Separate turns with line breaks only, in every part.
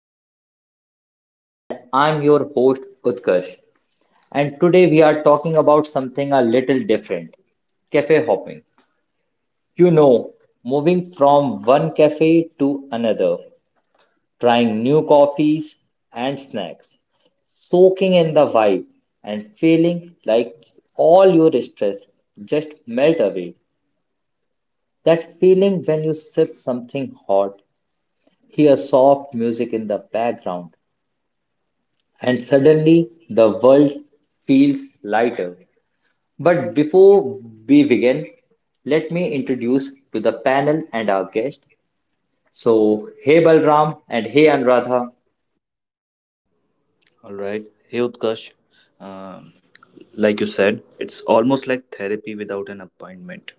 our podcast. And I'm your host, Utkarsh. And today we are talking about something a little different cafe hopping. You know, moving from one cafe to another, trying new coffees and snacks, soaking in the vibe, and feeling like all your stress just melt away. That feeling when you sip something hot, hear soft music in the background, and suddenly the world feels lighter. But before we begin, let me introduce to the panel and our guest. So, hey Balram and hey Anuradha.
All right. Hey, Utkarsh. Um, like you said, it's almost like therapy without an appointment.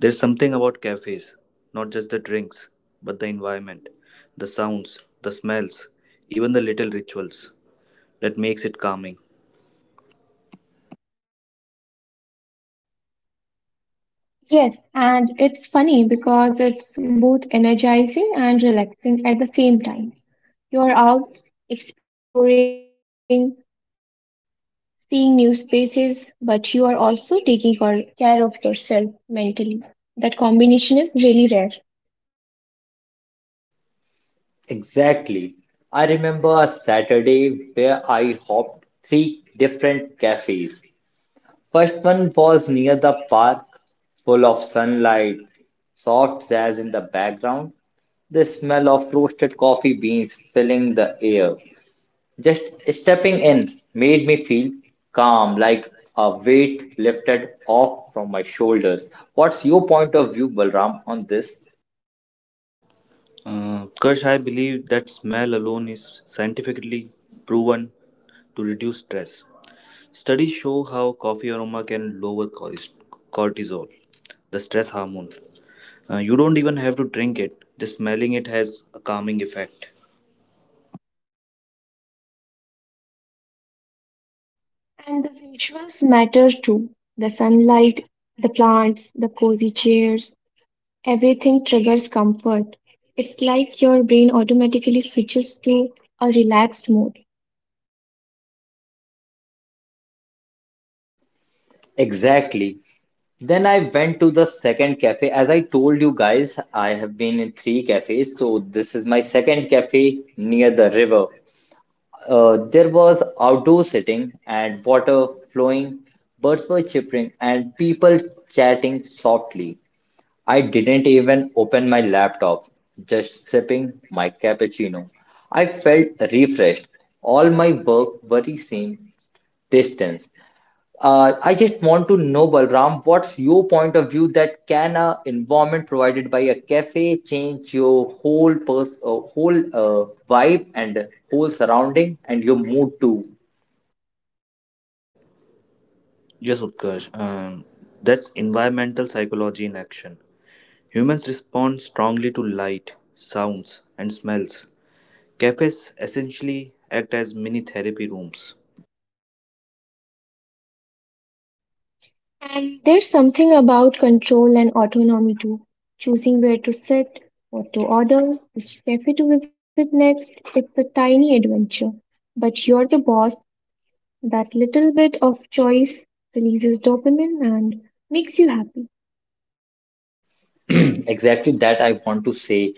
There's something about cafes, not just the drinks, but the environment, the sounds, the smells, even the little rituals that makes it calming.
Yes, and it's funny because it's both energizing and relaxing at the same time. You're out exploring, seeing new spaces, but you are also taking care of yourself mentally. That combination is really rare.
Exactly. I remember a Saturday where I hopped three different cafes. First one was near the park, full of sunlight, soft jazz in the background, the smell of roasted coffee beans filling the air. Just stepping in made me feel calm, like a weight lifted off from my shoulders. What's your point of view, Balram, on this?
Utkarsh, I believe that smell alone is scientifically proven to reduce stress. Studies show how coffee aroma can lower cortisol, the stress hormone. You don't even have to drink it. Just smelling it has a calming effect.
And the visuals matter too. The sunlight, the plants, the cozy chairs, everything triggers comfort. It's like your brain automatically switches to a relaxed mode.
Exactly. Then I went to the second cafe. As I told you guys, I have been in three cafes, so this is my second cafe near the river. There was outdoor sitting and water flowing, birds were chirping, and people chatting softly. I didn't even open my laptop, just sipping my cappuccino. I felt refreshed. All my work worries seemed distant. I just want to know, Balram, what's your point of view that can a environment provided by a cafe change your whole pers whole vibe and whole surrounding and your mood too?
Yes, Utkarsh. That's environmental psychology in action. Humans respond strongly to light, sounds, and smells. Cafes essentially act as mini therapy rooms.
And there's something about control and autonomy too. Choosing where to sit, what to order, which cafe to visit next, it's a tiny adventure. But you're the boss. That little bit of choice releases dopamine and makes you happy.
Exactly that I want to say.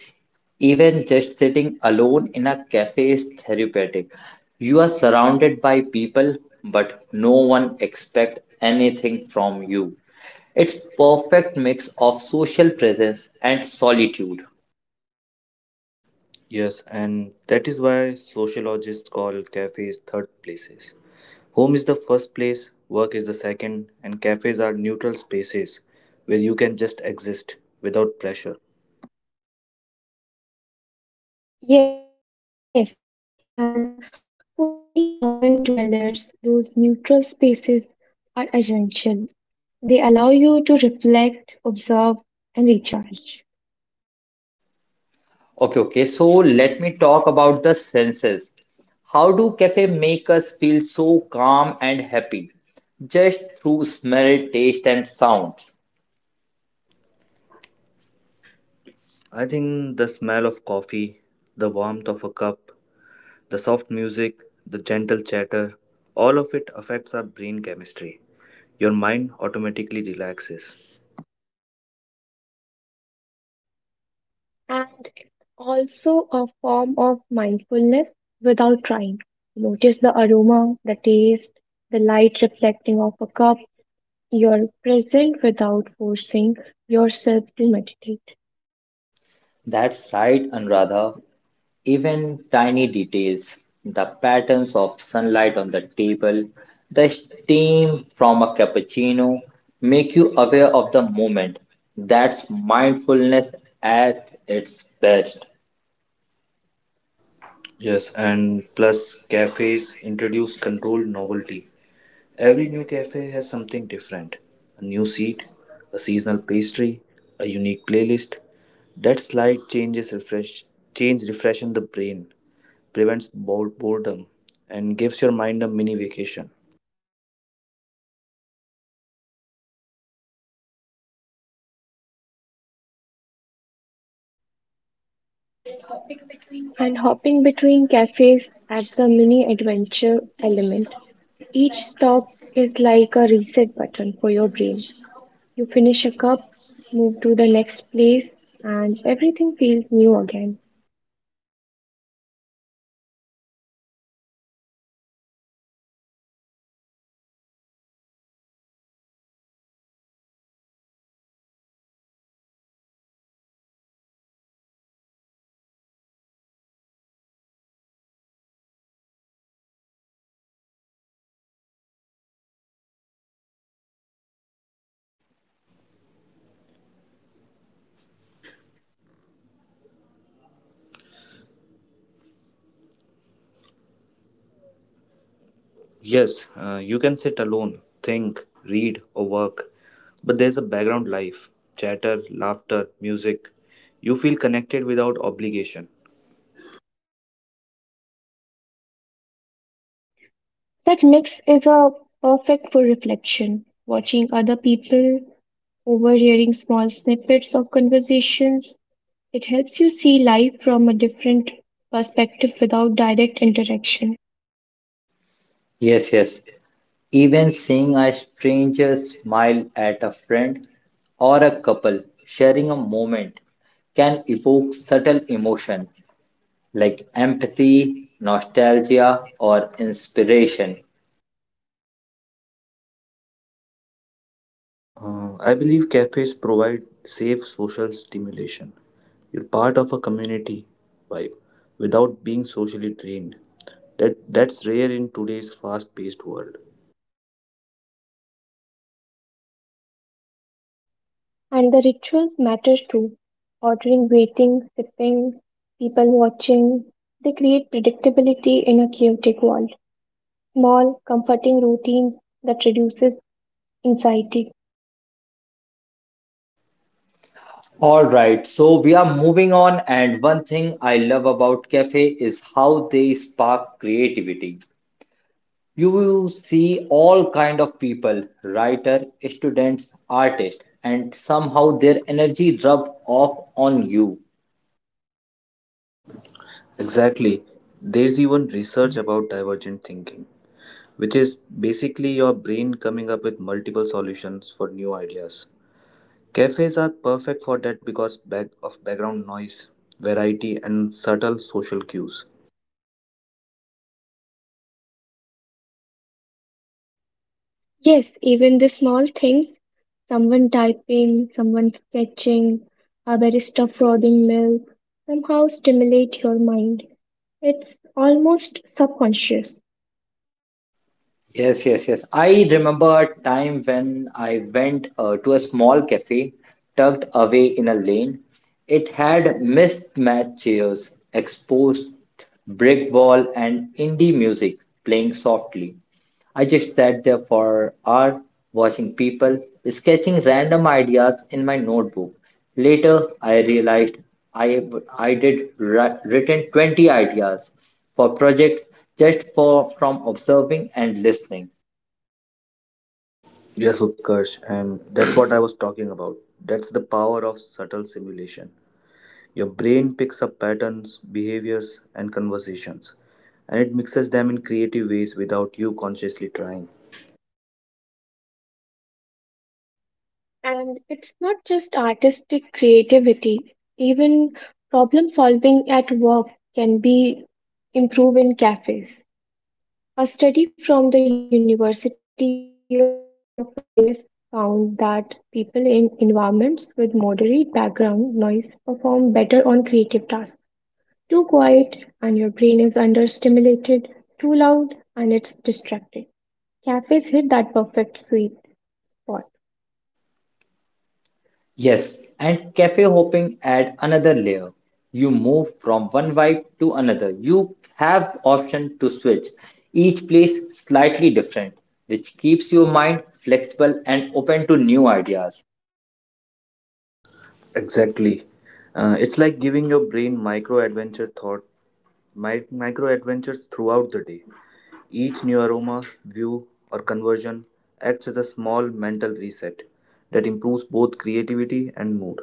Even just sitting alone in a cafe is therapeutic. You are surrounded by people, but no one expects anything from you. It's perfect mix of social presence and solitude.
Yes, and that is why sociologists call cafes third places. Home is the first place, work is the second, and cafes are neutral spaces where you can just exist without pressure.
Yes, and for many urban dwellers, those neutral spaces are essential. They allow you to reflect, observe, and recharge.
Okay, okay. So let me talk about the senses. How do cafe make us feel so calm and happy? Just through smell, taste, and sounds.
I think the smell of coffee, the warmth of a cup, the soft music, the gentle chatter, all of it affects our brain chemistry. Your mind automatically relaxes.
And it's also a form of mindfulness without trying. Notice the aroma, the taste, the light reflecting off a cup. You're present without forcing yourself to meditate.
That's right, Anuradha. Even tiny details, the patterns of sunlight on the table, the steam from a cappuccino, make you aware of the moment. That's mindfulness at its best.
Yes, and plus, cafes introduce controlled novelty. Every new cafe has something different: a new seat, a seasonal pastry, a unique playlist. That slight change refreshes the brain, prevents boredom, and gives your mind a mini vacation.
And hopping between cafes adds a mini adventure element. Each stop is like a reset button for your brain. You finish a cup, move to the next place, and everything feels new again.
Yes, you can sit alone, think, read, or work, but there's a background life: chatter, laughter, music. You feel connected without obligation.
That mix is a perfect for reflection, watching other people, overhearing small snippets of conversations. It helps you see life from a different perspective without direct interaction.
Yes, yes. Even seeing a stranger smile at a friend or a couple sharing a moment can evoke subtle emotion like empathy, nostalgia, or inspiration.
I believe cafes provide safe social stimulation. You're part of a community vibe without being socially drained. That's rare in today's fast-paced world.
And the rituals matter too. Ordering, waiting, sipping, people watching. They create predictability in a chaotic world. Small, comforting routines that reduces anxiety.
All right, so we are moving on, and one thing I love about cafe is how they spark creativity. You will see all kind of people, writer, students, artists, and somehow their energy rub off on you.
Exactly. There's even research about divergent thinking, which is basically your brain coming up with multiple solutions for new ideas. Cafes are perfect for that because back of background noise, variety, and subtle social cues.
Yes, even the small things, someone typing, someone fetching, a barista frothing milk, somehow stimulate your mind. It's almost subconscious.
Yes, yes, yes. I remember a time when I went to a small cafe tucked away in a lane. It had mismatched chairs, exposed brick wall, and indie music playing softly. I just sat there for hours watching people, sketching random ideas in my notebook. Later I realized I I'd written 20 ideas for projects just for from observing and listening.
Yes, Utkarsh, and that's what I was talking about. That's the power of subtle simulation. Your brain picks up patterns, behaviors, and conversations, and it mixes them in creative ways without you consciously trying.
And it's not just artistic creativity, even problem solving at work can be improved in cafes. A study from the University of Vilnius found that people in environments with moderate background noise perform better on creative tasks. Too quiet and your brain is understimulated, too loud and it's distracted. Cafes hit that perfect sweet spot.
Yes, and cafe hopping add another layer. You move from one vibe to another. You have option to switch. Each place slightly different, which keeps your mind flexible and open to new ideas.
Exactly. It's like giving your brain micro adventures throughout the day. Each new aroma, view, or conversion acts as a small mental reset that improves both creativity and mood.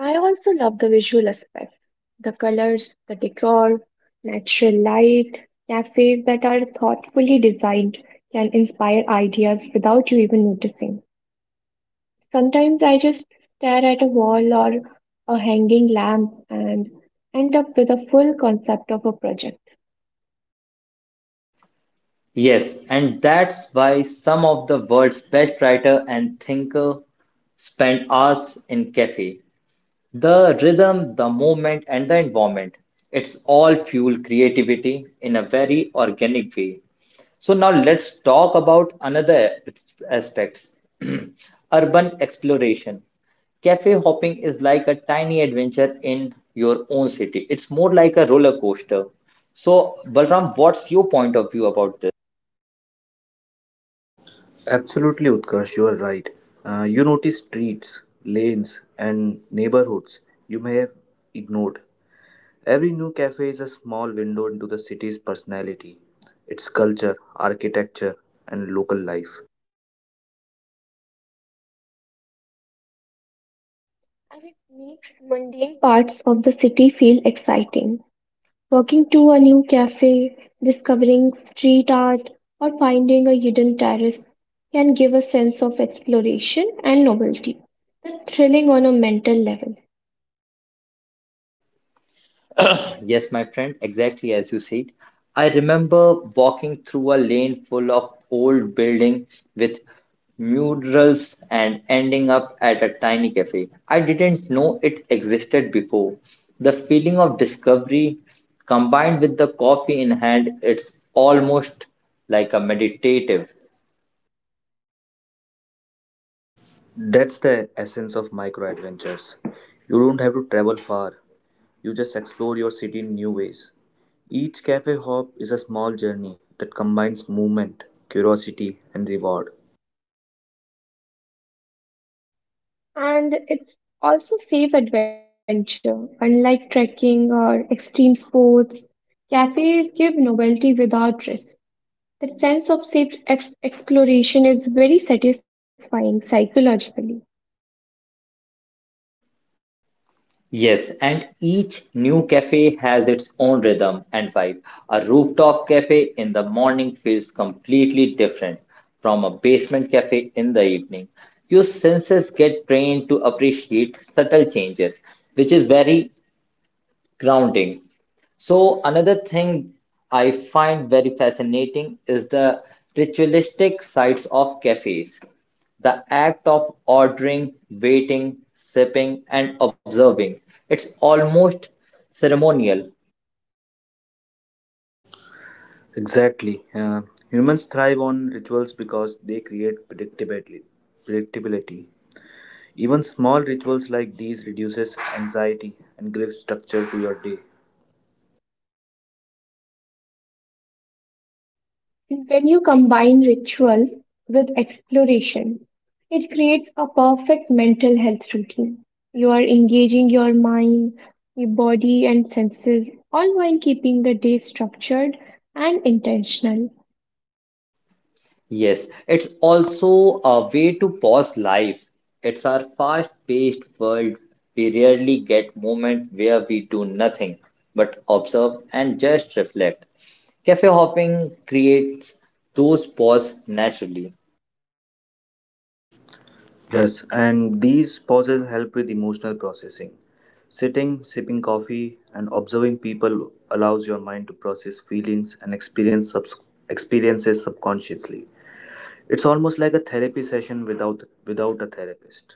I also love the visual aspect, the colors, the decor, natural light. Cafes that are thoughtfully designed can inspire ideas without you even noticing. Sometimes I just stare at a wall or a hanging lamp and end up with a full concept of a project.
Yes, and that's why some of the world's best writer and thinker spend hours in cafe. The rhythm, the movement, and the environment. It's all fuel creativity in a very organic way. So now let's talk about another aspects. Urban exploration. Cafe hopping is like a tiny adventure in your own city. It's more like a roller coaster. So, Balram, what's your point of view about this?
Absolutely, Utkarsh, you are right. You notice streets, lanes, and neighborhoods you may have ignored. Every new cafe is a small window into the city's personality, its culture, architecture, and local life.
And it makes mundane parts of the city feel exciting. Walking to a new cafe, discovering street art, or finding a hidden terrace can give a sense of exploration and novelty. That's thrilling on a mental level.
Yes, my friend, exactly as you said. I remember walking through a lane full of old building with murals and ending up at a tiny cafe. I didn't know it existed before. The feeling of discovery combined with the coffee in hand, it's almost like a meditative.
That's the essence of micro adventures. You don't have to travel far, you just explore your city in new ways. Each cafe hop is a small journey that combines movement, curiosity, and reward.
And it's also safe adventure. Unlike trekking or extreme sports, cafes give novelty without risk. That sense of safe exploration is very satisfying psychologically.
Yes, and each new cafe has its own rhythm and vibe. A rooftop cafe in the morning feels completely different from a basement cafe in the evening. Your senses get trained to appreciate subtle changes, which is very grounding. So, another thing I find very fascinating is the ritualistic sides of cafes. The act of ordering, waiting, sipping, and observing. It's almost ceremonial.
Exactly. Humans thrive on rituals because they create predictability. Predictability. Even small rituals like these reduces anxiety and gives structure to your day.
And when you combine rituals with exploration, it creates a perfect mental health routine. You are engaging your mind, your body, and senses, all while keeping the day structured and intentional.
Yes, it's also a way to pause life. It's our fast-paced world. We rarely get moments where we do nothing but observe and just reflect. Cafe hopping creates those pause naturally,
Yes, and these pauses help with emotional processing. Sitting, sipping coffee, and observing people allows your mind to process feelings and experiences subconsciously. It's almost like a therapy session without a therapist.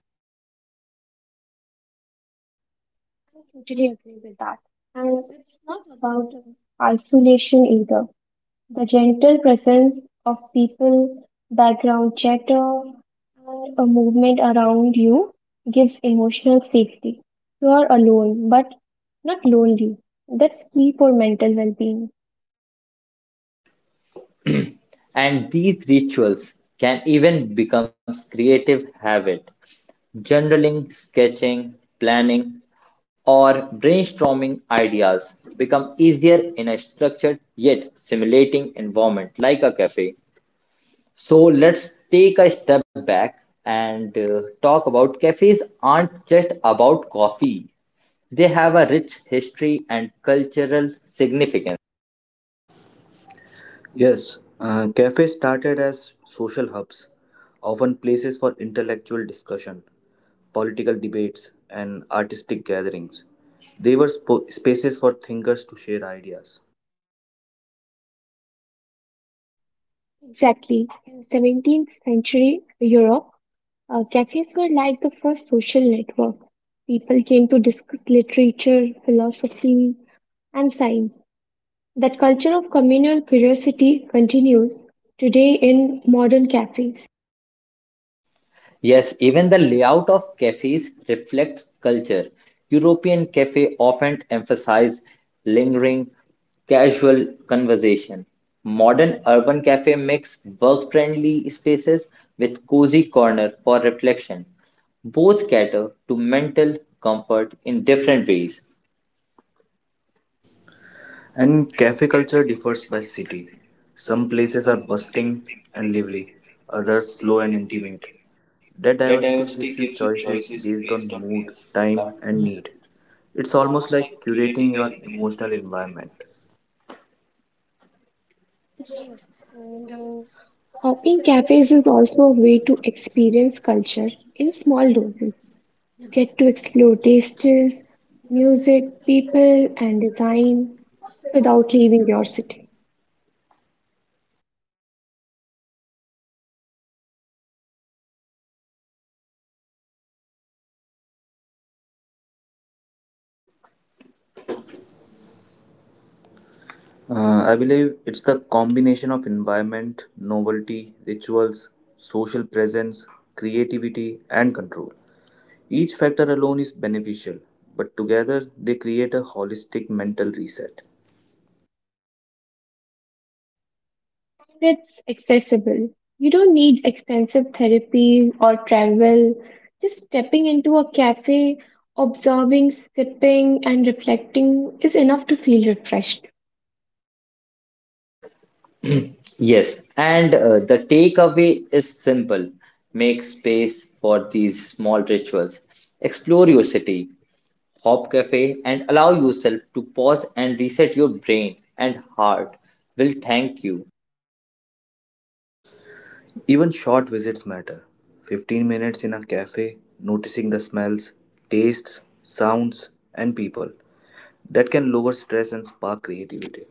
I totally agree with that. And it's not about isolation either. The gentle presence of people, background chatter, and a movement around you gives emotional safety. You are alone, but not lonely. That's key for mental well being.
and these rituals can even become creative habit. Journaling, sketching, planning, or brainstorming ideas become easier in a structured yet stimulating environment like a cafe. So let's take a step back and talk about cafes aren't just about coffee. They have a rich history and cultural significance.
Yes, cafes started as social hubs, often places for intellectual discussion, political debates, and artistic gatherings. They were spaces for thinkers to share ideas.
Exactly. In 17th century Europe, cafes were like the first social network. People came to discuss literature, philosophy, and science. That culture of communal curiosity continues today in modern cafes.
Yes, even the layout of cafes reflects culture. European cafe often emphasize lingering, casual conversation. Modern urban cafe mix work-friendly spaces with cozy corner for reflection. Both cater to mental comfort in different ways.
And cafe culture differs by city. Some places are bustling and lively, others slow and intimate. That diversity gives you choices based on mood, time, and need. It's almost like curating your emotional environment.
Yes, and hopping cafes is also a way to experience culture in small doses. You get to explore tastes, music, people, and design without leaving your city.
I believe it's the combination of environment, novelty, rituals, social presence, creativity, and control. Each factor alone is beneficial, but together they create a holistic mental reset.
It's accessible. You don't need expensive therapy or travel. Just stepping into a cafe, observing, sipping, and reflecting is enough to feel refreshed.
Yes, and the takeaway is simple. Make space for these small rituals. Explore your city. Hop Cafe and allow yourself to pause and reset your brain and heart will thank you.
Even short visits matter: 15 minutes in a cafe, noticing the smells, tastes, sounds, and people. That can lower stress and spark creativity.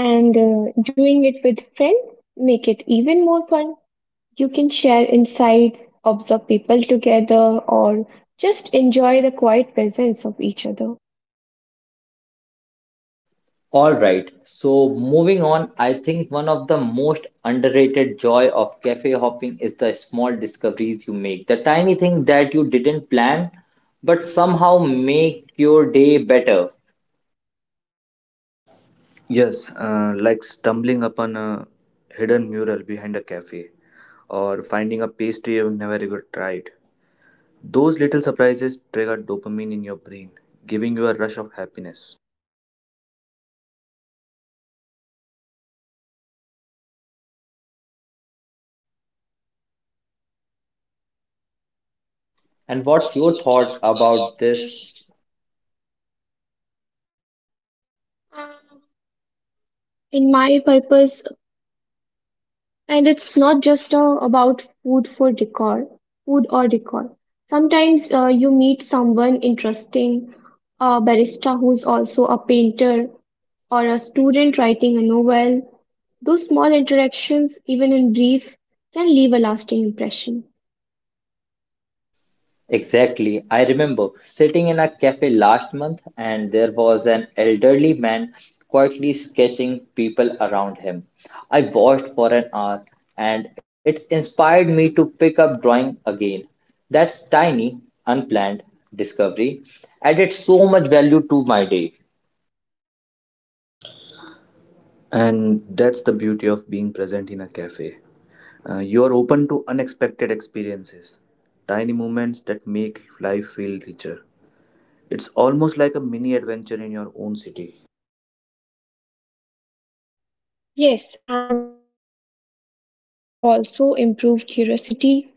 And doing it with friends make it even more fun. You can share insights, observe people together, or just enjoy the quiet presence of each other.
All right, so moving on, I think one of the most underrated joy of cafe hopping is the small discoveries you make. The tiny thing that you didn't plan but somehow make your day better.
Yes, like stumbling upon a hidden mural behind a cafe or finding a pastry you've never even tried. Those little surprises trigger dopamine in your brain, giving you a rush of happiness.
And what's your thought about this?
Uh, In my purpose And it's not just about food or decor. Sometimes you meet someone interesting, a barista who's also a painter, or a student writing a novel. Those small interactions, even in brief, can leave a lasting impression.
Exactly. I remember sitting in a cafe last month and there was an elderly man quietly sketching people around him. I watched for an hour and it inspired me to pick up drawing again. That's tiny, unplanned discovery added so much value to my day.
And that's the beauty of being present in a cafe. You are open to unexpected experiences, tiny moments that make life feel richer. It's almost like a mini adventure in your own city.
Yes, and these small discoveries also improve curiosity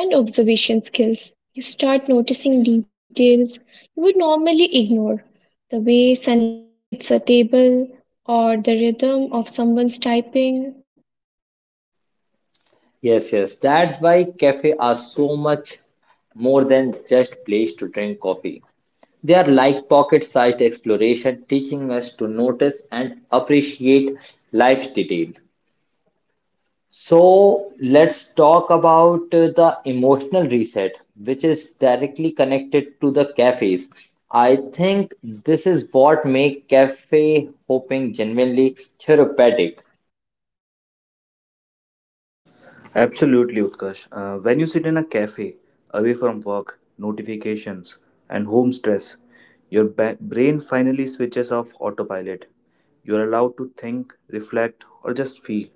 and observation skills. You start noticing details you would normally ignore the way sunlight hits a table or the rhythm of someone's typing.
Yes, yes, that's why cafes are so much more than just place to drink coffee. They are like pocket-sized exploration, teaching us to notice and appreciate life's detail. So let's talk about the emotional reset, which is directly connected to the cafes. I think this is what makes cafe hopping genuinely therapeutic.
Absolutely, Utkarsh. When you sit in a cafe, away from work, notifications, and home stress, your brain finally switches off autopilot. You're allowed to think, reflect, or just feel.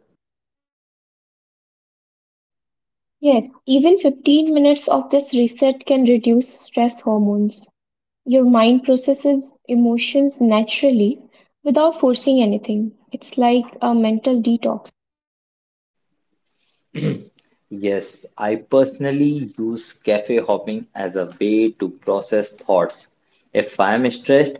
Yes, even 15 minutes of this reset can reduce stress hormones. Your mind processes emotions naturally without forcing anything. It's like a mental detox.
Yes, I personally use cafe hopping as a way to process thoughts. If I am stressed,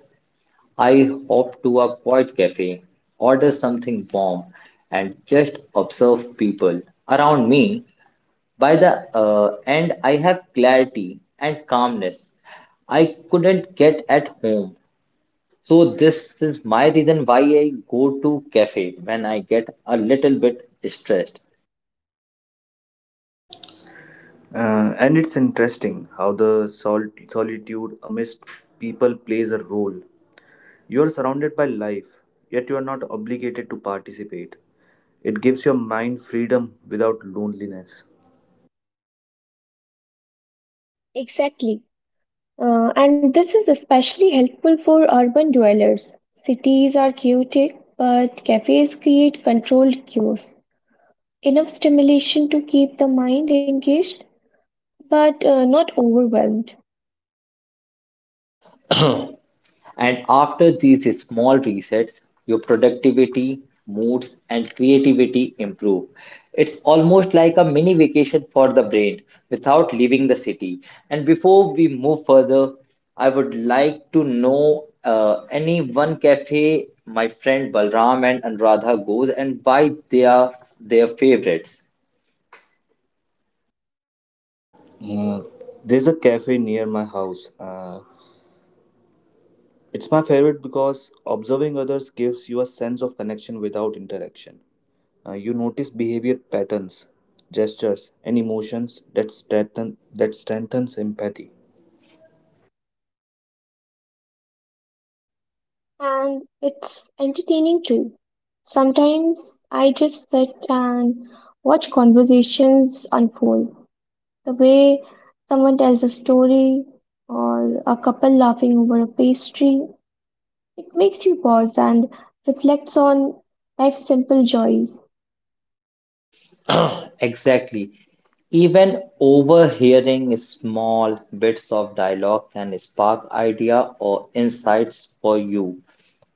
I hop to a quiet cafe, order something warm, and just observe people around me. By the end, I have clarity and calmness I couldn't get at home. So this is my reason why I go to cafe when I get a little bit stressed.
And it's interesting how the solitude amidst people plays a role. You are surrounded by life, yet you are not obligated to participate. It gives your mind freedom without loneliness.
Exactly. And this is especially helpful for urban dwellers. Cities are chaotic, but cafes create controlled chaos. Enough stimulation to keep the mind engaged, but not overwhelmed.
And after these small resets, your productivity, moods, and creativity improve. It's almost like a mini vacation for the brain without leaving the city. And before we move further, I would like to know any one cafe my friend Balram and Anuradha goes and why they are their favorites.
Uh, there's a cafe near my house. It's my favorite because observing others gives you a sense of connection without interaction. You notice behavior patterns, gestures, and emotions that strengthens empathy.
And it's entertaining too. Sometimes I just sit and watch conversations unfold. The way someone tells a story, or a couple laughing over a pastry, it makes you pause and reflects on life's simple joys.
Exactly. Even overhearing small bits of dialogue can spark idea or insights for you.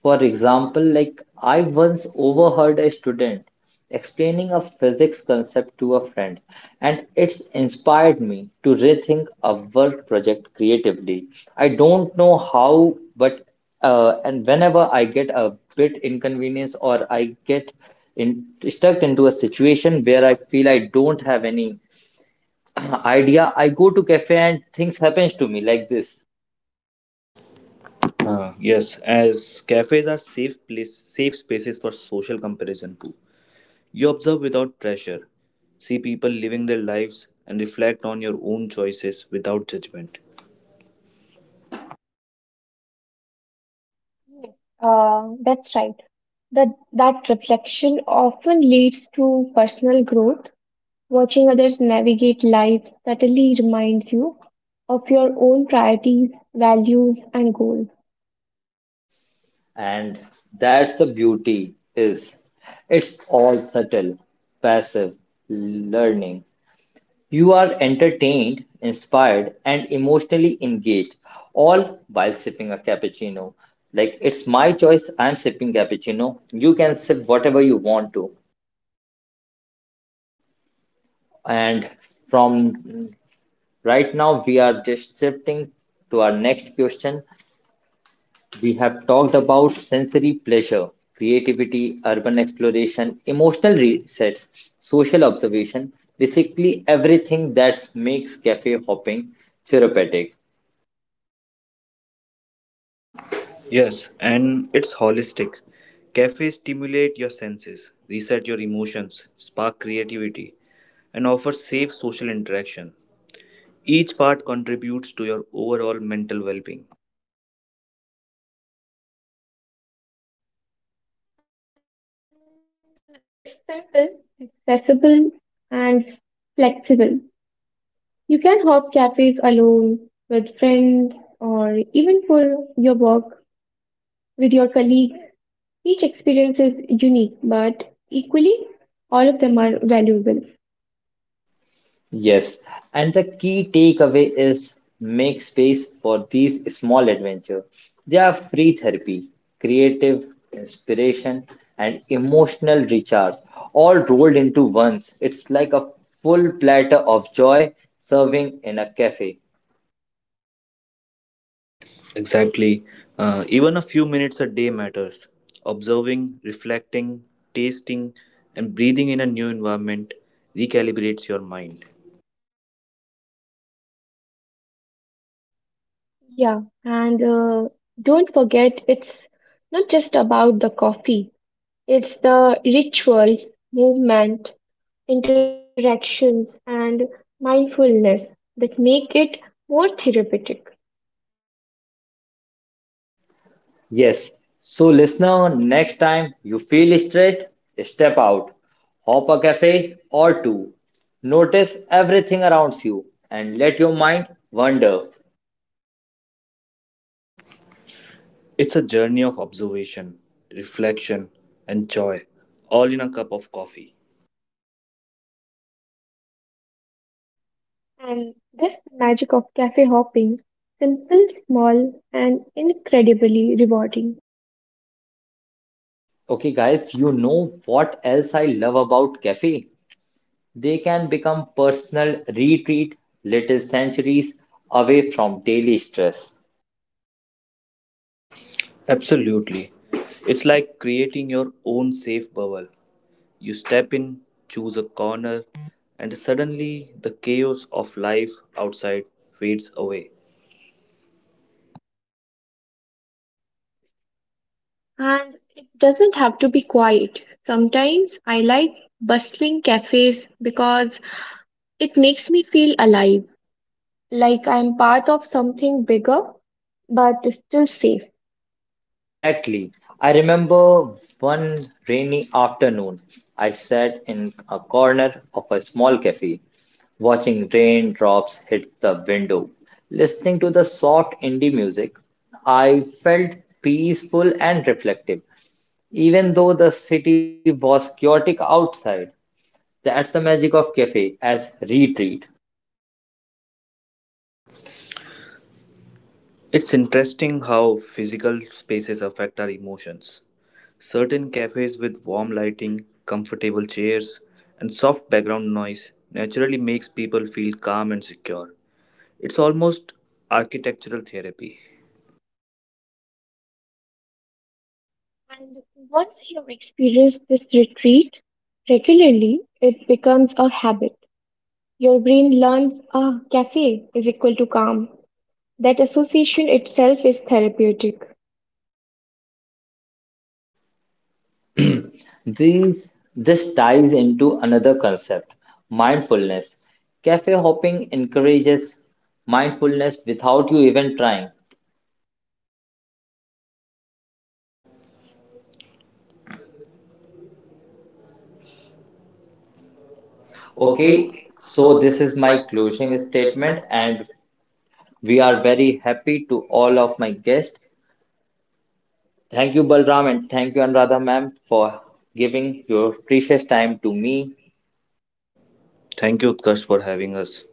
For example, like I once overheard a student explaining a physics concept to a friend, and it's inspired me to rethink a work project creatively. I don't know how, but and whenever I get a bit inconvenience or I get in, stuck into a situation where I feel I don't have any idea, I go to cafe and things happens to me like this.
Yes, as cafes are safe place, safe spaces for social comparison too. You observe without pressure, see people living their lives, and reflect on your own choices without judgment.
Yes, that's right. That that reflection often leads to personal growth. Watching others navigate life subtly reminds you of your own priorities, values, and goals.
And that's the beauty is it's all subtle, passive learning. You are entertained, inspired, and emotionally engaged, all while sipping a cappuccino. Like it's my choice, I'm sipping cappuccino. You can sip whatever you want to. And from right now, we are just shifting to our next question. We have talked about sensory pleasure, creativity, urban exploration, emotional resets, social observation, basically everything that makes cafe hopping therapeutic.
Yes, and it's holistic. Cafes stimulate your senses, reset your emotions, spark creativity, and offer safe social interaction. Each part contributes to your overall mental well being.
It's simple, accessible, and flexible. You can hop cafes alone, with friends, or even for your work with your colleagues. Each experience is unique, but equally, all of them are valuable.
Yes, and the key takeaway is make space for these small adventures. They are free therapy, creative inspiration, and emotional recharge, all rolled into once. It's like a full platter of joy serving in a cafe.
Exactly. Even a few minutes a day matters. Observing, reflecting, tasting, and breathing in a new environment recalibrates your mind.
Yeah, and don't forget, it's not just about the coffee, it's the rituals, movement, interactions, and mindfulness that make it more therapeutic.
Yes. So, listener, next time you feel stressed, step out, hop a cafe or two, notice everything around you, and let your mind wander.
It's a journey of observation, reflection, and joy, all in a cup of coffee.
And that's the magic of cafe hopping simple, small, and incredibly rewarding.
Okay, guys, you know what else I love about cafe? They can become personal retreat, little sanctuaries away from daily stress.
Absolutely. It's like creating your own safe bubble. You step in, choose a corner, and suddenly the chaos of life outside fades away.
And it doesn't have to be quiet. Sometimes I like bustling cafes because it makes me feel alive, like I'm part of something bigger but still safe.
Exactly. I remember one rainy afternoon, I sat in a corner of a small cafe, watching raindrops hit the window. Listening to the soft indie music, I felt peaceful and reflective. Even though the city was chaotic outside, that's the magic of cafe as retreat.
It's interesting how physical spaces affect our emotions. Certain cafes with warm lighting, comfortable chairs, and soft background noise naturally makes people feel calm and secure. It's almost architectural therapy.
And once you experience this retreat regularly, it becomes a habit. Your brain learns a cafe is equal to calm. That association itself is therapeutic.
These, this ties into another concept, mindfulness. Cafe hopping encourages mindfulness without you even trying. Okay,
Okay,
so
so
this
this
is
is
my
my
closing
closing
statement,
statement.
and we are very happy to all of my guests. Thank you, Balram, and thank you, Anuradha ma'am, for giving your precious time to me
Thank you, Utkarsh, for having us.